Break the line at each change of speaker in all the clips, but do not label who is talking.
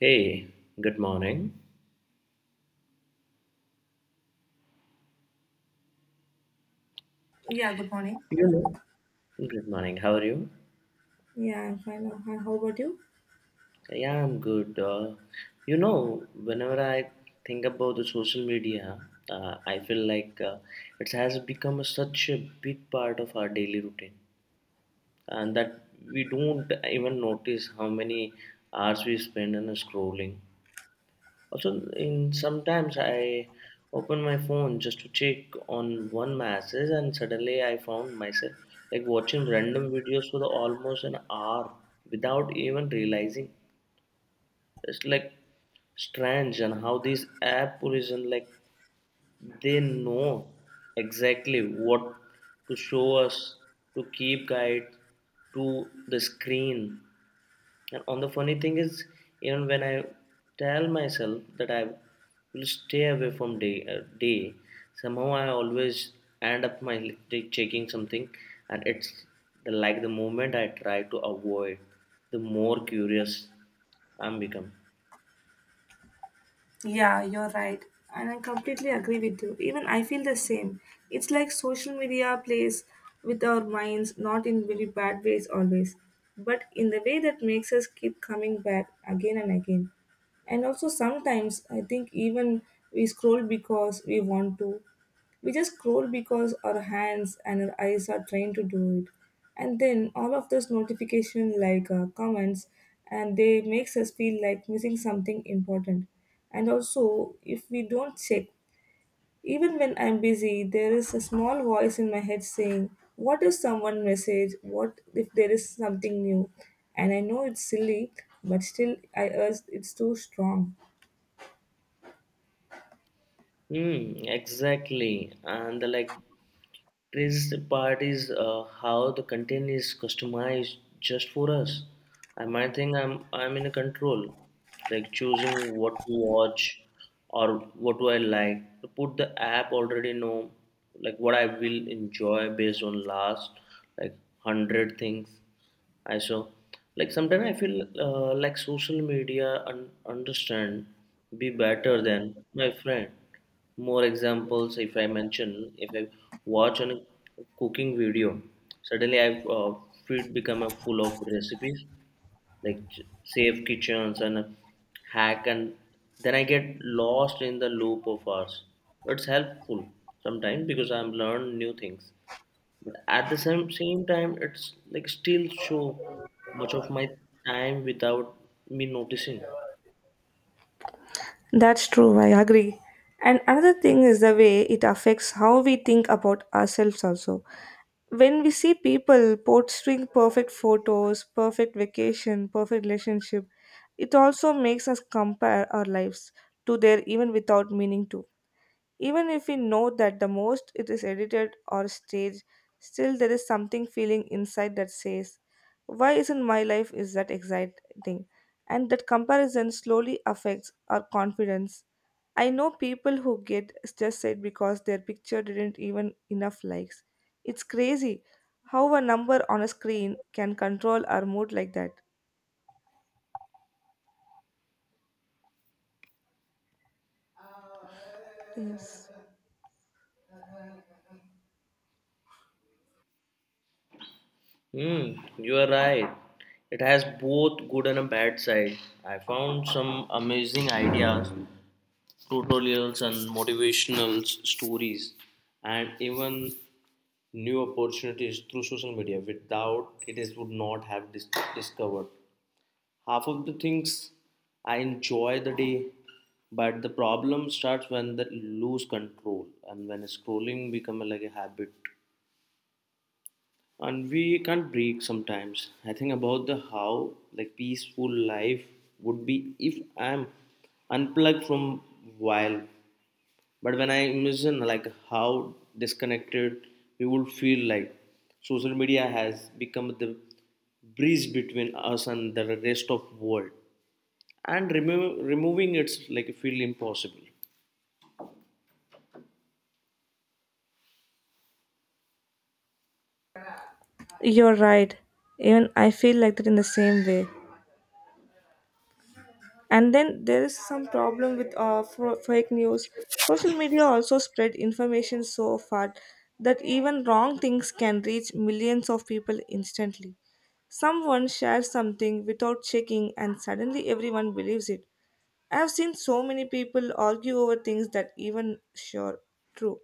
Hey, good morning.
Yeah, good morning.
You know, good morning. How are you?
Yeah, I'm fine. Now. Hi, how about you?
Yeah, I'm good. Whenever I think about the social media, I feel like it has become such a big part of our daily routine, and that we don't even notice how many hours we spend on scrolling. Also, in sometimes I open my phone just to check on one message, and suddenly I found myself like watching random videos for the almost an hour without even realizing. It's like strange and how these app origin like they know exactly what to show us to keep guide to the screen, and on the funny thing is, even when I tell myself that I will stay away from day, day somehow I always end up my day checking something, and it's like the moment I try to avoid, the more curious I'm become.
Yeah, you're right. And I completely agree with you. Even I feel the same. It's like social media plays with our minds, not in very bad ways always, but in the way that makes us keep coming back again and again. And also, sometimes I think even we scroll because we want to, we just scroll because our hands and our eyes are trained to do it. And then all of those notification like comments and they makes us feel like missing something important. And also if we don't check even when I'm busy, there is a small voice in my head saying, what if someone message, what if there is something new, and I know it's silly but still I urge it's too strong.
Hmm, exactly. And like craziest part is how the content is customized just for us. I might think I'm in a control, like choosing what to watch or what do I like. Put the app already know like what I will enjoy based on last like 100 things. I saw. Like sometimes I feel like social media understand be better than my friend. More examples if I mention if I watch on a cooking video, suddenly I feed become a full of recipes like safe kitchens and a hack, and then I get lost in the loop of ours. It's helpful sometimes because I'm learn new things. But at the same time it's like still show much of my time without me noticing.
That's true, I agree. And another thing is the way it affects how we think about ourselves also. When we see people posting perfect photos, perfect vacation, perfect relationship, it also makes us compare our lives to their even without meaning to. Even if we know that the most it is edited or staged, still there is something feeling inside that says, why isn't my life is that exciting? And that comparison slowly affects our confidence. I know people who get just said because their picture didn't even enough likes. It's crazy how a number on a screen can control our mood like that. Yes.
Hmm, you are right. It has both good and a bad side. I found some amazing ideas, tutorials and motivational stories, and even new opportunities through social media. Without it is would not have discovered half of the things I enjoy the day, but the problem starts when the lose control and when scrolling become like a habit and we can't break sometimes. I think about the how like peaceful life would be if I'm unplugged from wild. But when I imagine like how disconnected we would feel, like social media has become the bridge between us and the rest of world, and removing it's like feel impossible.
You're right. Even I feel like that in the same way. And then there is some problem with fake news. Social media also spread information so far that even wrong things can reach millions of people instantly. Someone shares something without checking and suddenly everyone believes it. I've seen so many people argue over things that even sure true.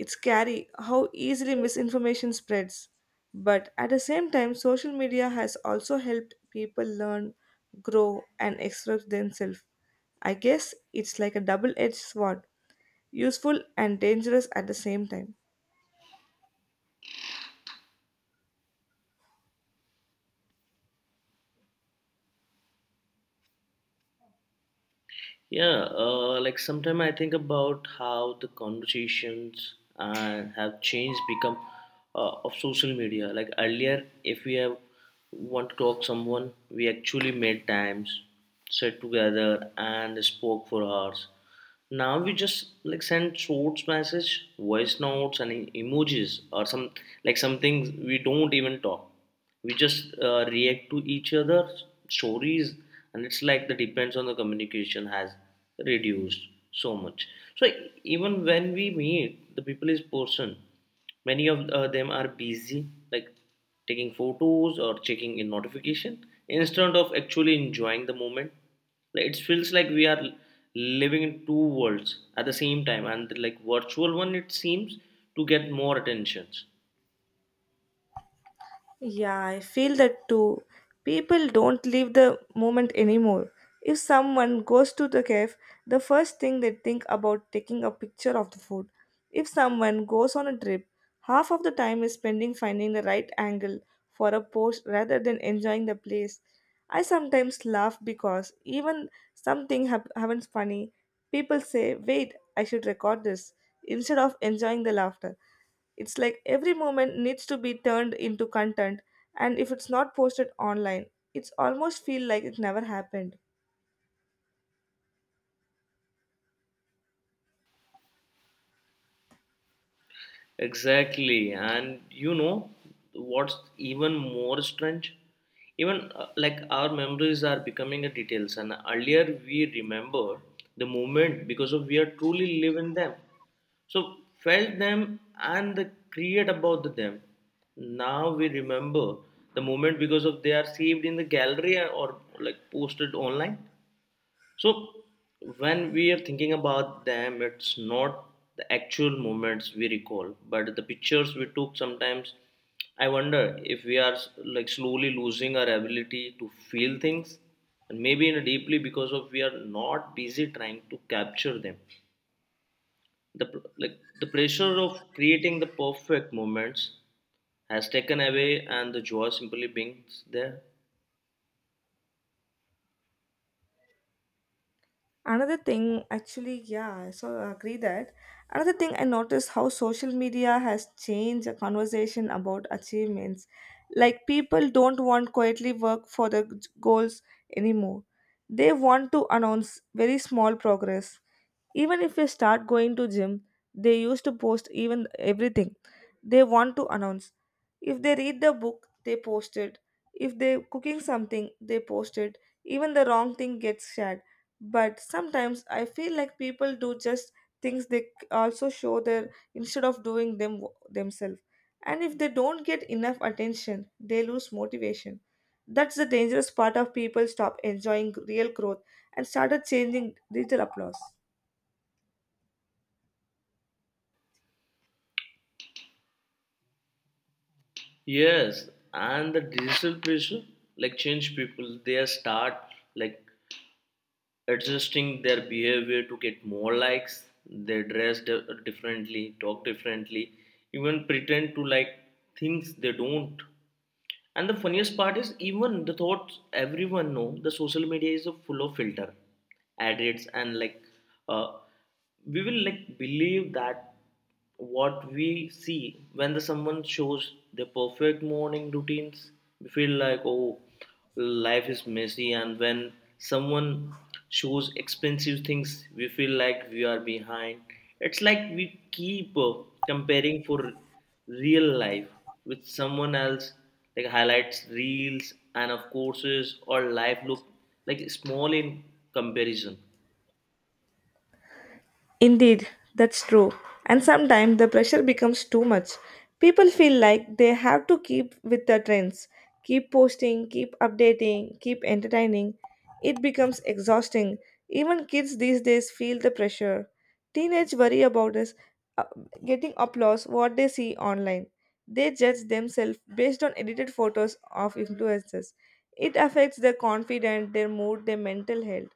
It's scary how easily misinformation spreads. But at the same time, social media has also helped people learn, grow, and express themselves. I guess it's like a double edged sword, useful and dangerous at the same time.
Yeah, like sometime I think about how the conversations have changed, become of social media. Like earlier, if we have want to talk someone, we actually made times, sat together, and spoke for hours. Now we just like send short message, voice notes and emojis, or some like some things we don't even talk. We just react to each other's stories, and it's like the depends on the communication has reduced so much. So even when we meet the people is person, many of them are busy, like taking photos or checking in notification, instead of actually enjoying the moment. Like it feels like we are living in two worlds at the same time, and like virtual one, it seems to get more attentions.
Yeah, I feel that too. People don't leave the moment anymore. If someone goes to the cave, the first thing they think about taking a picture of the food. If someone goes on a trip, half of the time is spending finding the right angle for a post rather than enjoying the place. I sometimes laugh because even happens funny, people say, "Wait, I should record this," instead of enjoying the laughter. It's like every moment needs to be turned into content, and if it's not posted online, it's almost feel like it never happened.
Exactly, and you know what's even more strange? Even like our memories are becoming a details, and earlier we remember the moment because of we are truly living them. So felt them and the create about them. Now we remember the moment because of they are saved in the gallery or like posted online. So when we are thinking about them, it's not the actual moments we recall, but the pictures we took. Sometimes I wonder if we are like slowly losing our ability to feel things, and maybe in a deeply because of we are not busy trying to capture them. The like the pressure of creating the perfect moments has taken away, and the joy simply being there.
Another thing, actually, yeah, so I so agree that. Another thing I noticed how social media has changed the conversation about achievements. Like people don't want quietly work for the goals anymore. They want to announce very small progress. Even if we start going to gym, they used to post even everything. They want to announce if they read the book, they post it. If they cooking something, they post it. Even the wrong thing gets shared. But sometimes I feel like people do just things they also show their instead of doing them themselves. And if they don't get enough attention, they lose motivation. That's the dangerous part of people stop enjoying real growth and started changing digital applause.
Yes, and the digital pressure like change people. They start like adjusting their behavior to get more likes. They dress differently, talk differently, even pretend to like things they don't. And the funniest part is, even the thoughts everyone know the social media is a full of filter, ad rates and like uh, we will like believe that what we see when the someone shows their perfect morning routines, we feel like oh life is messy, and when someone shows expensive things, we feel like we are behind. It's like we keep comparing for real life with someone else, like highlights, reels, and of courses, or life look like small in comparison.
Indeed, that's true. And sometimes the pressure becomes too much. People feel like they have to keep with the trends, keep posting, keep updating, keep entertaining. It becomes exhausting. Even kids these days feel the pressure. Teenage worry about us uh, getting applause what they see online. They judge themselves based on edited photos of influencers. It affects their confidence, their mood, their mental health.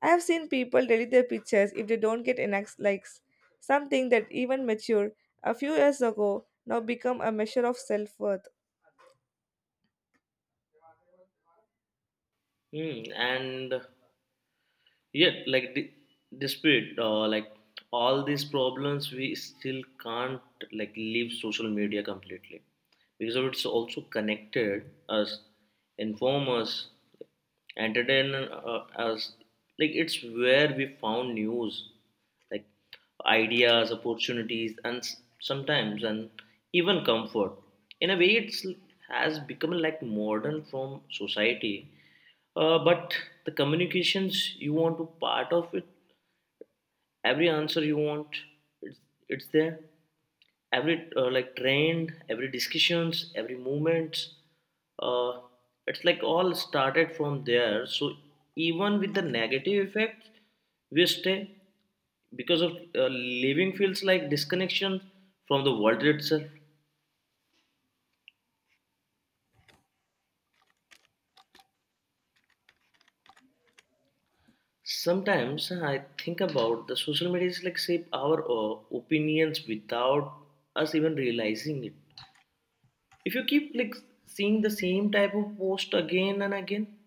I have seen people delete their pictures if they don't get enough likes, something that even mature a few years ago now become a measure of self-worth.
Hmm, and yeah like despite like all these problems we still can't like leave social media completely, because of it's also connected us, inform us, entertain us, like it's where we found news, like ideas, opportunities and sometimes and even comfort. In a way it's has become like modern from society, but the communications you want to part of it, every answer you want, it's, it's there. Every like trend, every discussions, every movement, uh, it's like all started from there. So even with the negative effects, we stay because of living feels like disconnection from the world itself. Sometimes I think about the social media is like shape our opinions without us even realizing it. If you keep like seeing the same type of post again and again,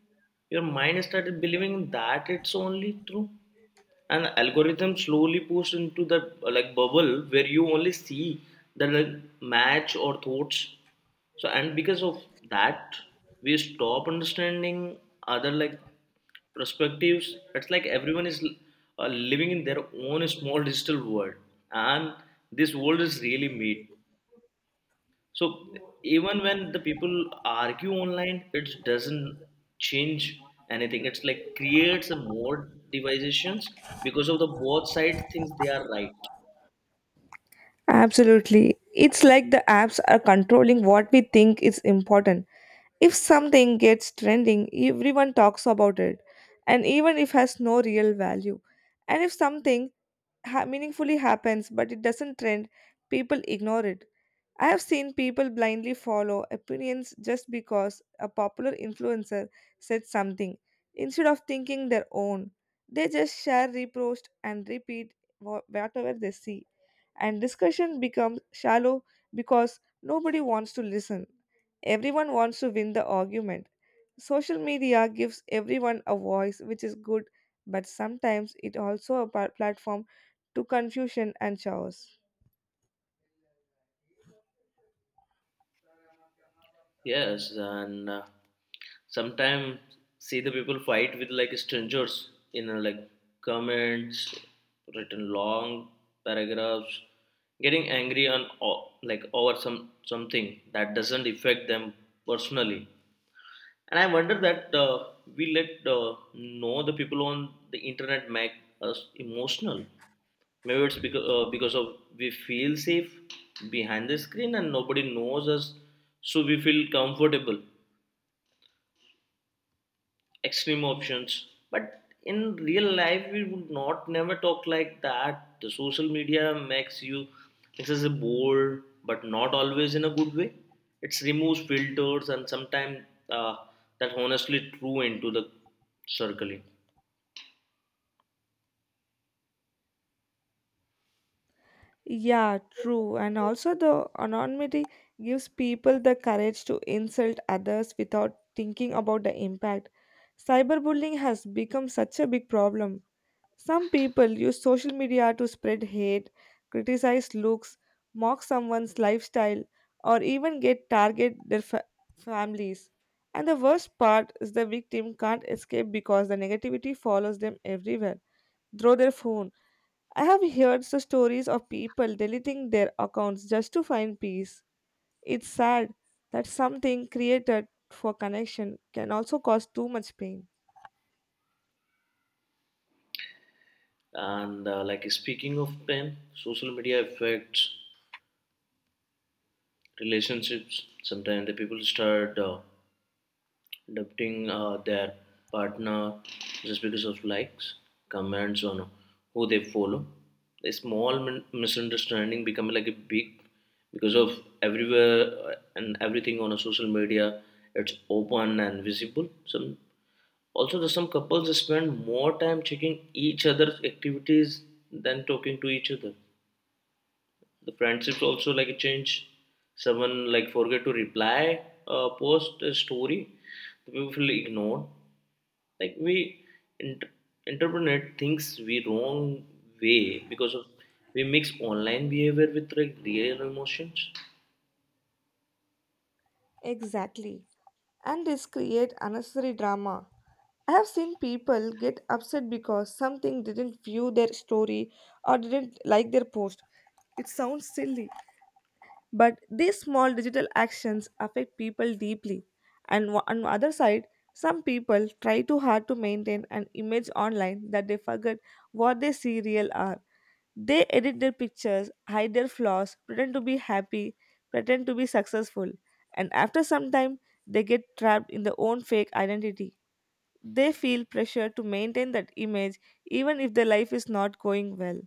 your mind started believing that it's only true, and the algorithm slowly pushed into the like bubble where you only see the like, match or thoughts, so and because of that we stop understanding other like perspectives. It's like everyone is living in their own small digital world, and this world is really made. So even when the people argue online, it doesn't change anything. It's like creates a more divisions because of the both side thinks they are right.
Absolutely. It's like the apps are controlling what we think is important. If something gets trending, everyone talks about it, and even if has no real value. And if something meaningfully happens but it doesn't trend, people ignore it. I have seen people blindly follow opinions just because a popular influencer said something instead of thinking their own. They just share, repost, and repeat whatever they see, and discussion becomes shallow because nobody wants to listen. Everyone wants to win the argument. Social media gives everyone a voice, which is good, but sometimes it also a platform to confusion and chaos.
Yes, and sometimes see the people fight with like strangers in like comments, written long paragraphs, getting angry on like over something that doesn't affect them personally. And I wonder that we let know the people on the internet make us emotional. Maybe it's because of we feel safe behind the screen and nobody knows us, so we feel comfortable extreme options, but in real life we would not never talk like that. The social media makes you makes us bored but not always in a good way. It removes filters and sometimes uh, that honestly true into the circling.
Yeah, true. And also, the anonymity gives people the courage to insult others without thinking about the impact. Cyberbullying has become such a big problem. Some people use social media to spread hate, criticize looks, mock someone's lifestyle, or even get target their families. And the worst part is the victim can't escape because the negativity follows them everywhere, through their phone. I have heard the stories of people deleting their accounts just to find peace. It's sad that something created for connection can also cause too much pain.
And like speaking of them, social media affects relationships. Sometimes the people start adopting their partner just because of likes, comments on who they follow. A small misunderstanding become like a big because of everywhere and everything on a social media. It's open and visible. Some also there's some couples spend more time checking each other's activities than talking to each other. The friendships also like change. Someone like forget to reply, post a story, the people feel ignored, like we int- interpret things we wrong way because of we mix online behavior with like real emotions.
Exactly. And this create unnecessary drama. I have seen people get upset because something didn't view their story or didn't like their post. It sounds silly, but these small digital actions affect people deeply. And on the other side, some people try too hard to maintain an image online that they forget what they see real are. They edit their pictures, hide their flaws, pretend to be happy, pretend to be successful, and after some time, they get trapped in their own fake identity. They feel pressure to maintain that image even if their life is not going well.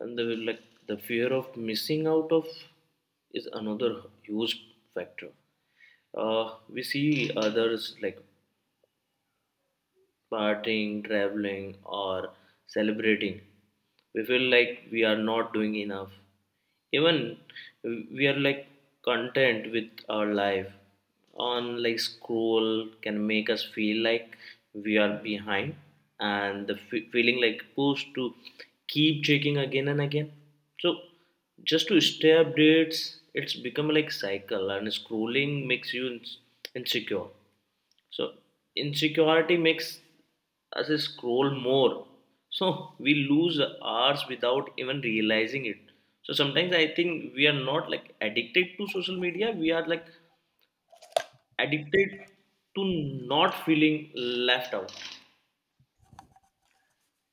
And like the fear of missing out of is another huge factor. We see others like partying, traveling, or celebrating, we feel like we are not doing enough. Even we are like content with our life. On like scroll can make us feel like we are behind, and the feeling like pushed to keep checking again and again. So just to stay updates, it's become like cycle, and scrolling makes you insecure, so insecurity makes us scroll more. So we lose hours without even realizing it. So sometimes I think we are not like addicted to social media. We are like addicted to not feeling left out.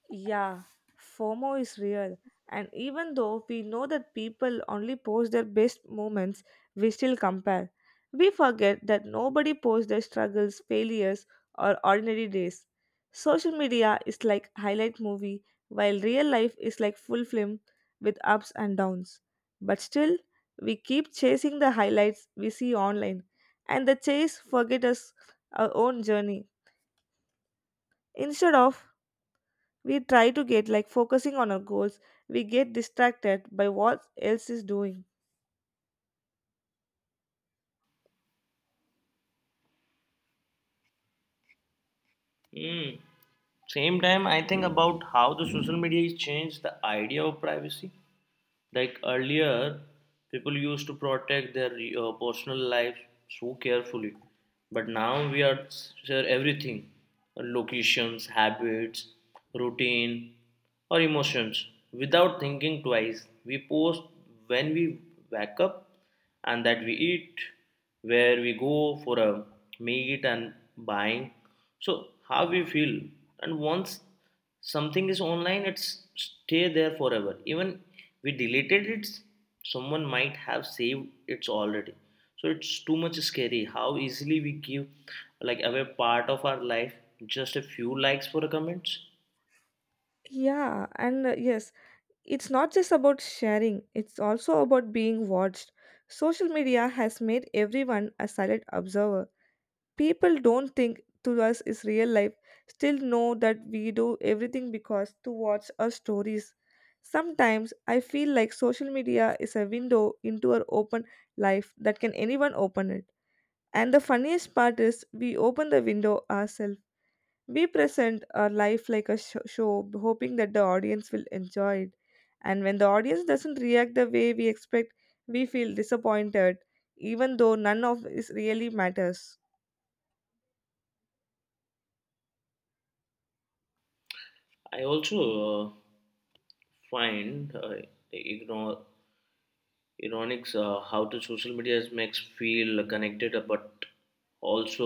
Yeah, FOMO is real. And even though we know that people only post their best moments, we still compare. We forget that nobody posts their struggles, failures, or ordinary days. Social media is like highlight movie, while real life is like full film with ups and downs. But still, we keep chasing the highlights we see online, and the chase forget us our own journey instead of we try to get like focusing on our goals, we get distracted by what else is doing.
Hmm. Same time, I think about how the social media has changed the idea of privacy. Like earlier, people used to protect their personal life so carefully, but now we are share everything, locations, habits, routine, or emotions without thinking twice. We post when we wake up and that we eat, where we go for a meet and buying. So how we feel, and once something is online it's stay there forever. Even we deleted it, someone might have saved it already, so it's too much scary how easily we give like away part of our life just a few likes for a comments.
Yeah, and yes, it's not just about sharing, it's also about being watched. Social media has made everyone a silent observer. People don't think to us is real life, still know that we do everything because to watch our stories. Sometimes I feel like social media is a window into our open life that can anyone open it. And the funniest part is, we open the window ourselves. We present our life like a show, hoping that the audience will enjoy it. And when the audience doesn't react the way we expect, we feel disappointed, even though none of it really matters.
I also uh, find ignore ironics how the social media makes feel connected but also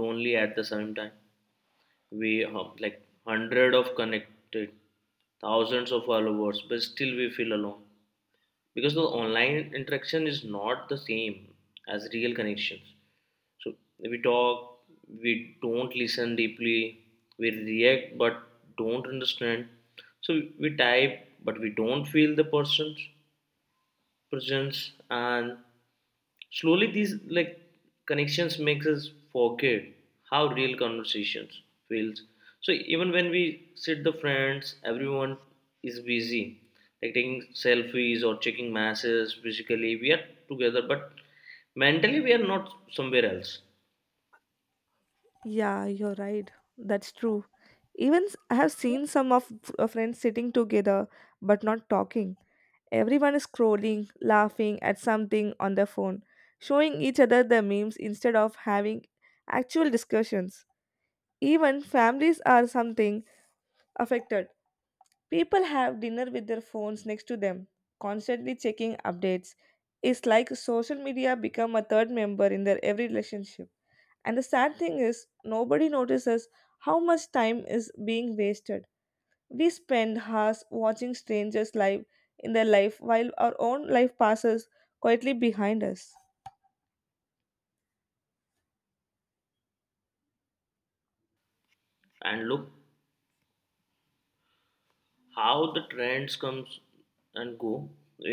lonely at the same time. We have like hundred of connected thousands of followers, but still we feel alone, because the online interaction is not the same as real connections. So we talk, we don't listen deeply, we react but don't understand, so we type but we don't feel the person's presence. And slowly, these like connections makes us forget how real conversations feels. So even when we sit the friends, everyone is busy, like taking selfies or checking masses. Physically, we are together, but mentally, we are not somewhere else.
Yeah, you're right. That's true. Even I have seen some of friends sitting together but not talking. Everyone is scrolling, laughing at something on their phone, showing each other the memes instead of having actual discussions. Even families are something affected. People have dinner with their phones next to them, constantly checking updates. It's like social media become a third member in their every relationship. And the sad thing is nobody notices how much time is being wasted. We spend hours watching strangers live in their life while our own life passes quietly behind us.
And look, how the trends comes and go,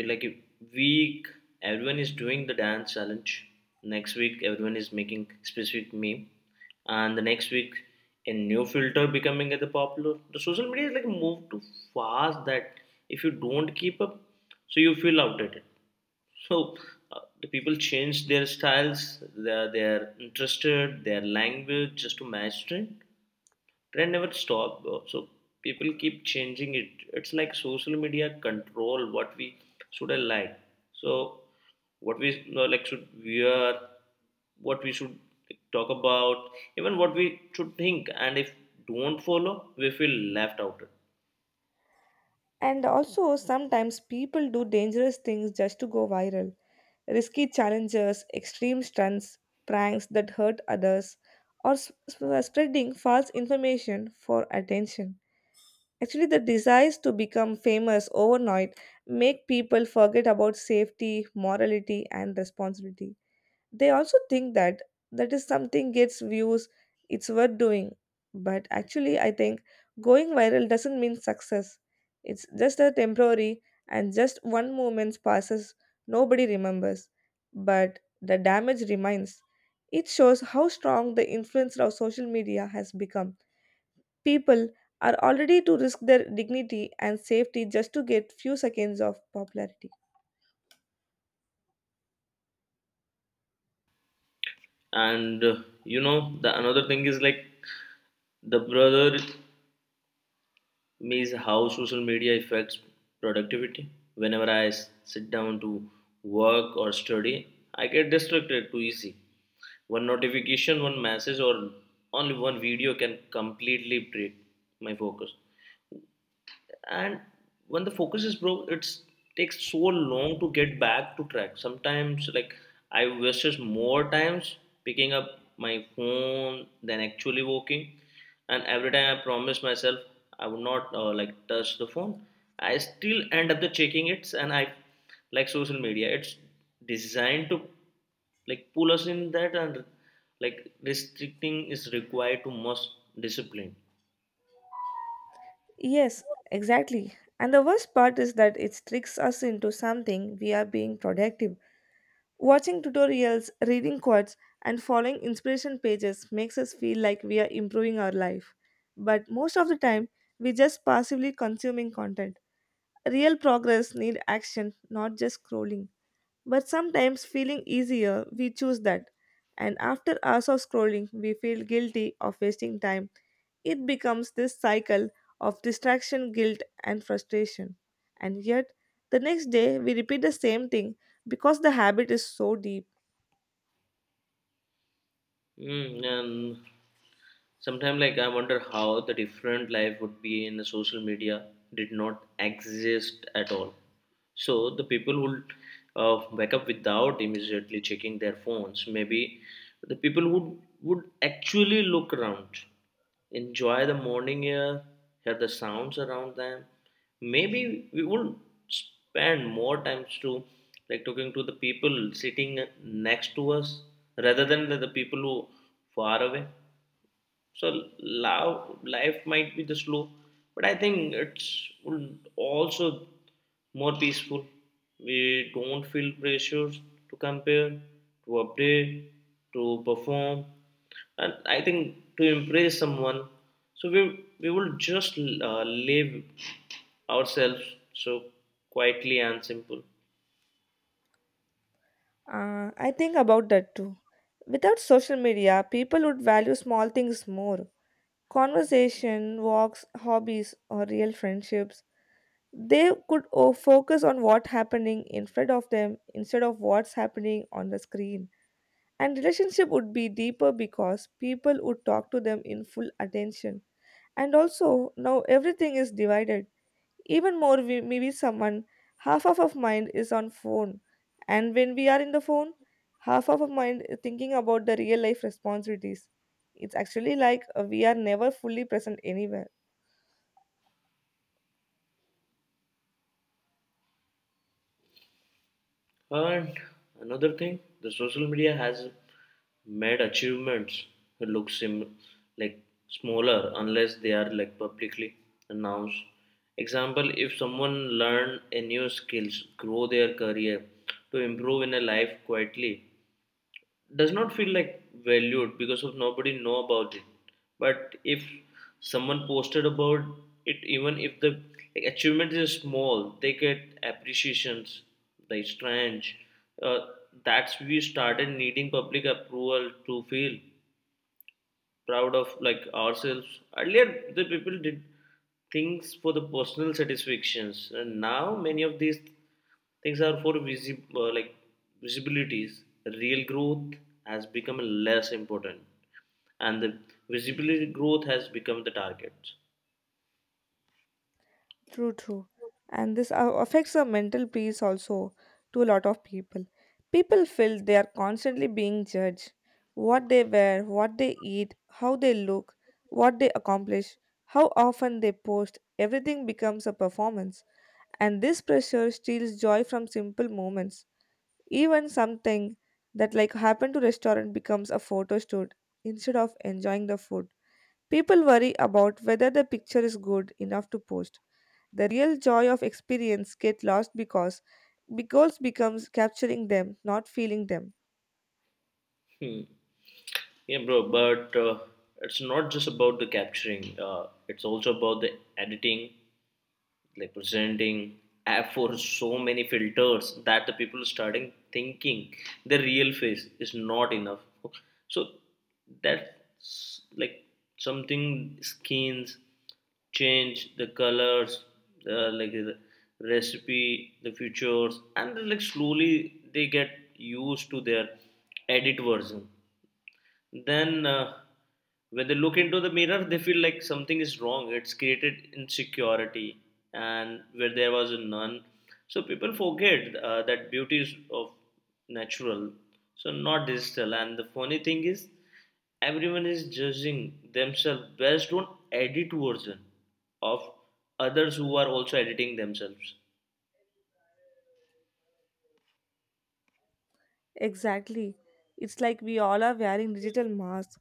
like a week everyone is doing the dance challenge, next week everyone is making specific meme, and the next week a new filter becoming at the popular. The social media is like move too fast that if you don't keep up, so you feel outdated. So the people change their styles, their interested, their language just to match trend. Trend never stop, bro. So people keep changing it. It's like social media control what we should I like. So what we like should wear, what we should talk about, even what we should think, and if don't follow we feel left out.
And also, sometimes people do dangerous things just to go viral. Risky challenges, extreme stunts, pranks that hurt others, or spreading false information for attention. Actually, the desires to become famous overnight make people forget about safety, morality, and responsibility. They also think that that is something gets views, it's worth doing. But actually, I think going viral doesn't mean success. It's just a temporary and just one moment passes, nobody remembers. But the damage remains. It shows how strong the influence of social media has become. People are already to risk their dignity and safety just to get few seconds of popularity.
And you know the another thing is like the brother. Means how social media affects productivity. Whenever I sit down to work or study, I get distracted too easy. One notification, one message, or only one video can completely break my focus. And when the focus is broke, it takes so long to get back to track. Sometimes like I wasted more times picking up my phone than actually working. And every time I promise myself I would not like touch the phone, I still end up the checking it. And I like social media, it's designed to like pull us in that. And like restricting is required to must discipline.
Yes, exactly. And the worst part is that it tricks us into something we are being productive. Watching tutorials, reading quotes, and following inspiration pages makes us feel like we are improving our life. But most of the time, we just passively consuming content. Real progress need action, not just scrolling. But sometimes feeling easier, we choose that. And after hours of scrolling, we feel guilty of wasting time. It becomes this cycle of distraction, guilt, and frustration. And yet, the next day, we repeat the same thing because the habit is so deep.
Mm, and sometimes, like, I wonder how the different life would be in the social media did not exist at all. So the people would wake up without immediately checking their phones. Maybe the people would actually look around, enjoy the morning air, hear the sounds around them. Maybe we would spend more times to like talking to the people sitting next to us rather than the people who far away. So love, life might be the slow, but I think it's also more peaceful. We don't feel pressures to compare, to update, to perform, and I think to impress someone. So we will just live ourselves so quietly and simple.
I think about that too. Without social media, people would value small things more, conversation, walks, hobbies, or real friendships. They could focus on what happening in front of them instead of what's happening on the screen. And relationship would be deeper because people would talk to them in full attention. And also now everything is divided even more. We, maybe someone, half of our mind is on phone, and when we are in the phone, half of our mind is thinking about the real life responsibilities. It's actually like we are never fully present anywhere.
And another thing, the social media has made achievements look sim like smaller unless they are like publicly announced. Example, if someone learn a new skills, grow their career, to improve in a life quietly, does not feel like valued because of nobody know about it. But if someone posted about it, even if the like, achievement is small, they get appreciations like strange. uh, that's we started needing public approval to feel proud of like ourselves. Earlier, the people did things for the personal satisfactions, and now many of these things are for like visibilities. Real growth has become less important, and the visibility growth has become the target.
True, true. And this affects our mental peace also to a lot of people. People feel they are constantly being judged. What they wear, what they eat, how they look, what they accomplish, how often they post, everything becomes a performance. And this pressure steals joy from simple moments. Even something that like happened to restaurant becomes a photo shoot instead of enjoying the food. People worry about whether the picture is good enough to post. The real joy of experience get lost because becomes capturing them, not feeling them.
Hmm. Yeah, bro, but it's not just about the capturing. It's also about the editing, like presenting app for so many filters that the people starting thinking the real face is not enough. So that's like something skins, change the colors, like the recipe, the features, and then, like slowly they get used to their edit version. Then when they look into the mirror they feel like something is wrong. It's created insecurity and where there was none. So people forget that beauty is of natural, so not digital. And the funny thing is everyone is judging themselves based on edit version of others who are also editing themselves.
Exactly. It's like we all are wearing digital masks.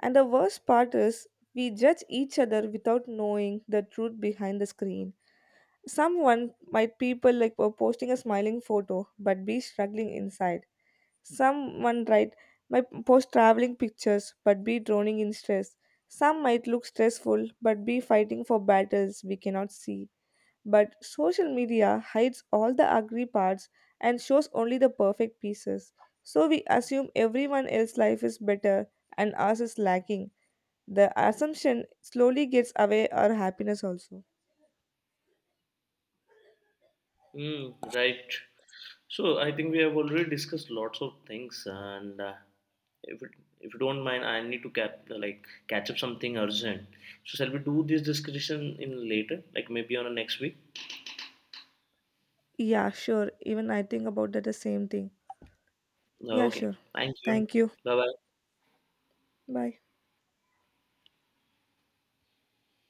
And the worst part is we judge each other without knowing the truth behind the screen. Someone might people like were posting a smiling photo but be struggling inside. Someone right might post traveling pictures but be drowning in stress. Some might look stressful but be fighting for battles we cannot see. But social media hides all the ugly parts and shows only the perfect pieces. So we assume everyone else's life is better and ours is lacking. The assumption slowly gets away our happiness also.
Mm, right. So I think we have already discussed lots of things, and if it, if you don't mind, I need to cap like catch up something urgent. So shall we do this discussion in later, like maybe on a next week?
Yeah, sure. Even I think about that the same thing. Yeah,
Okay.
sure.
Thank you.
Thank you.
Bye bye.
Bye.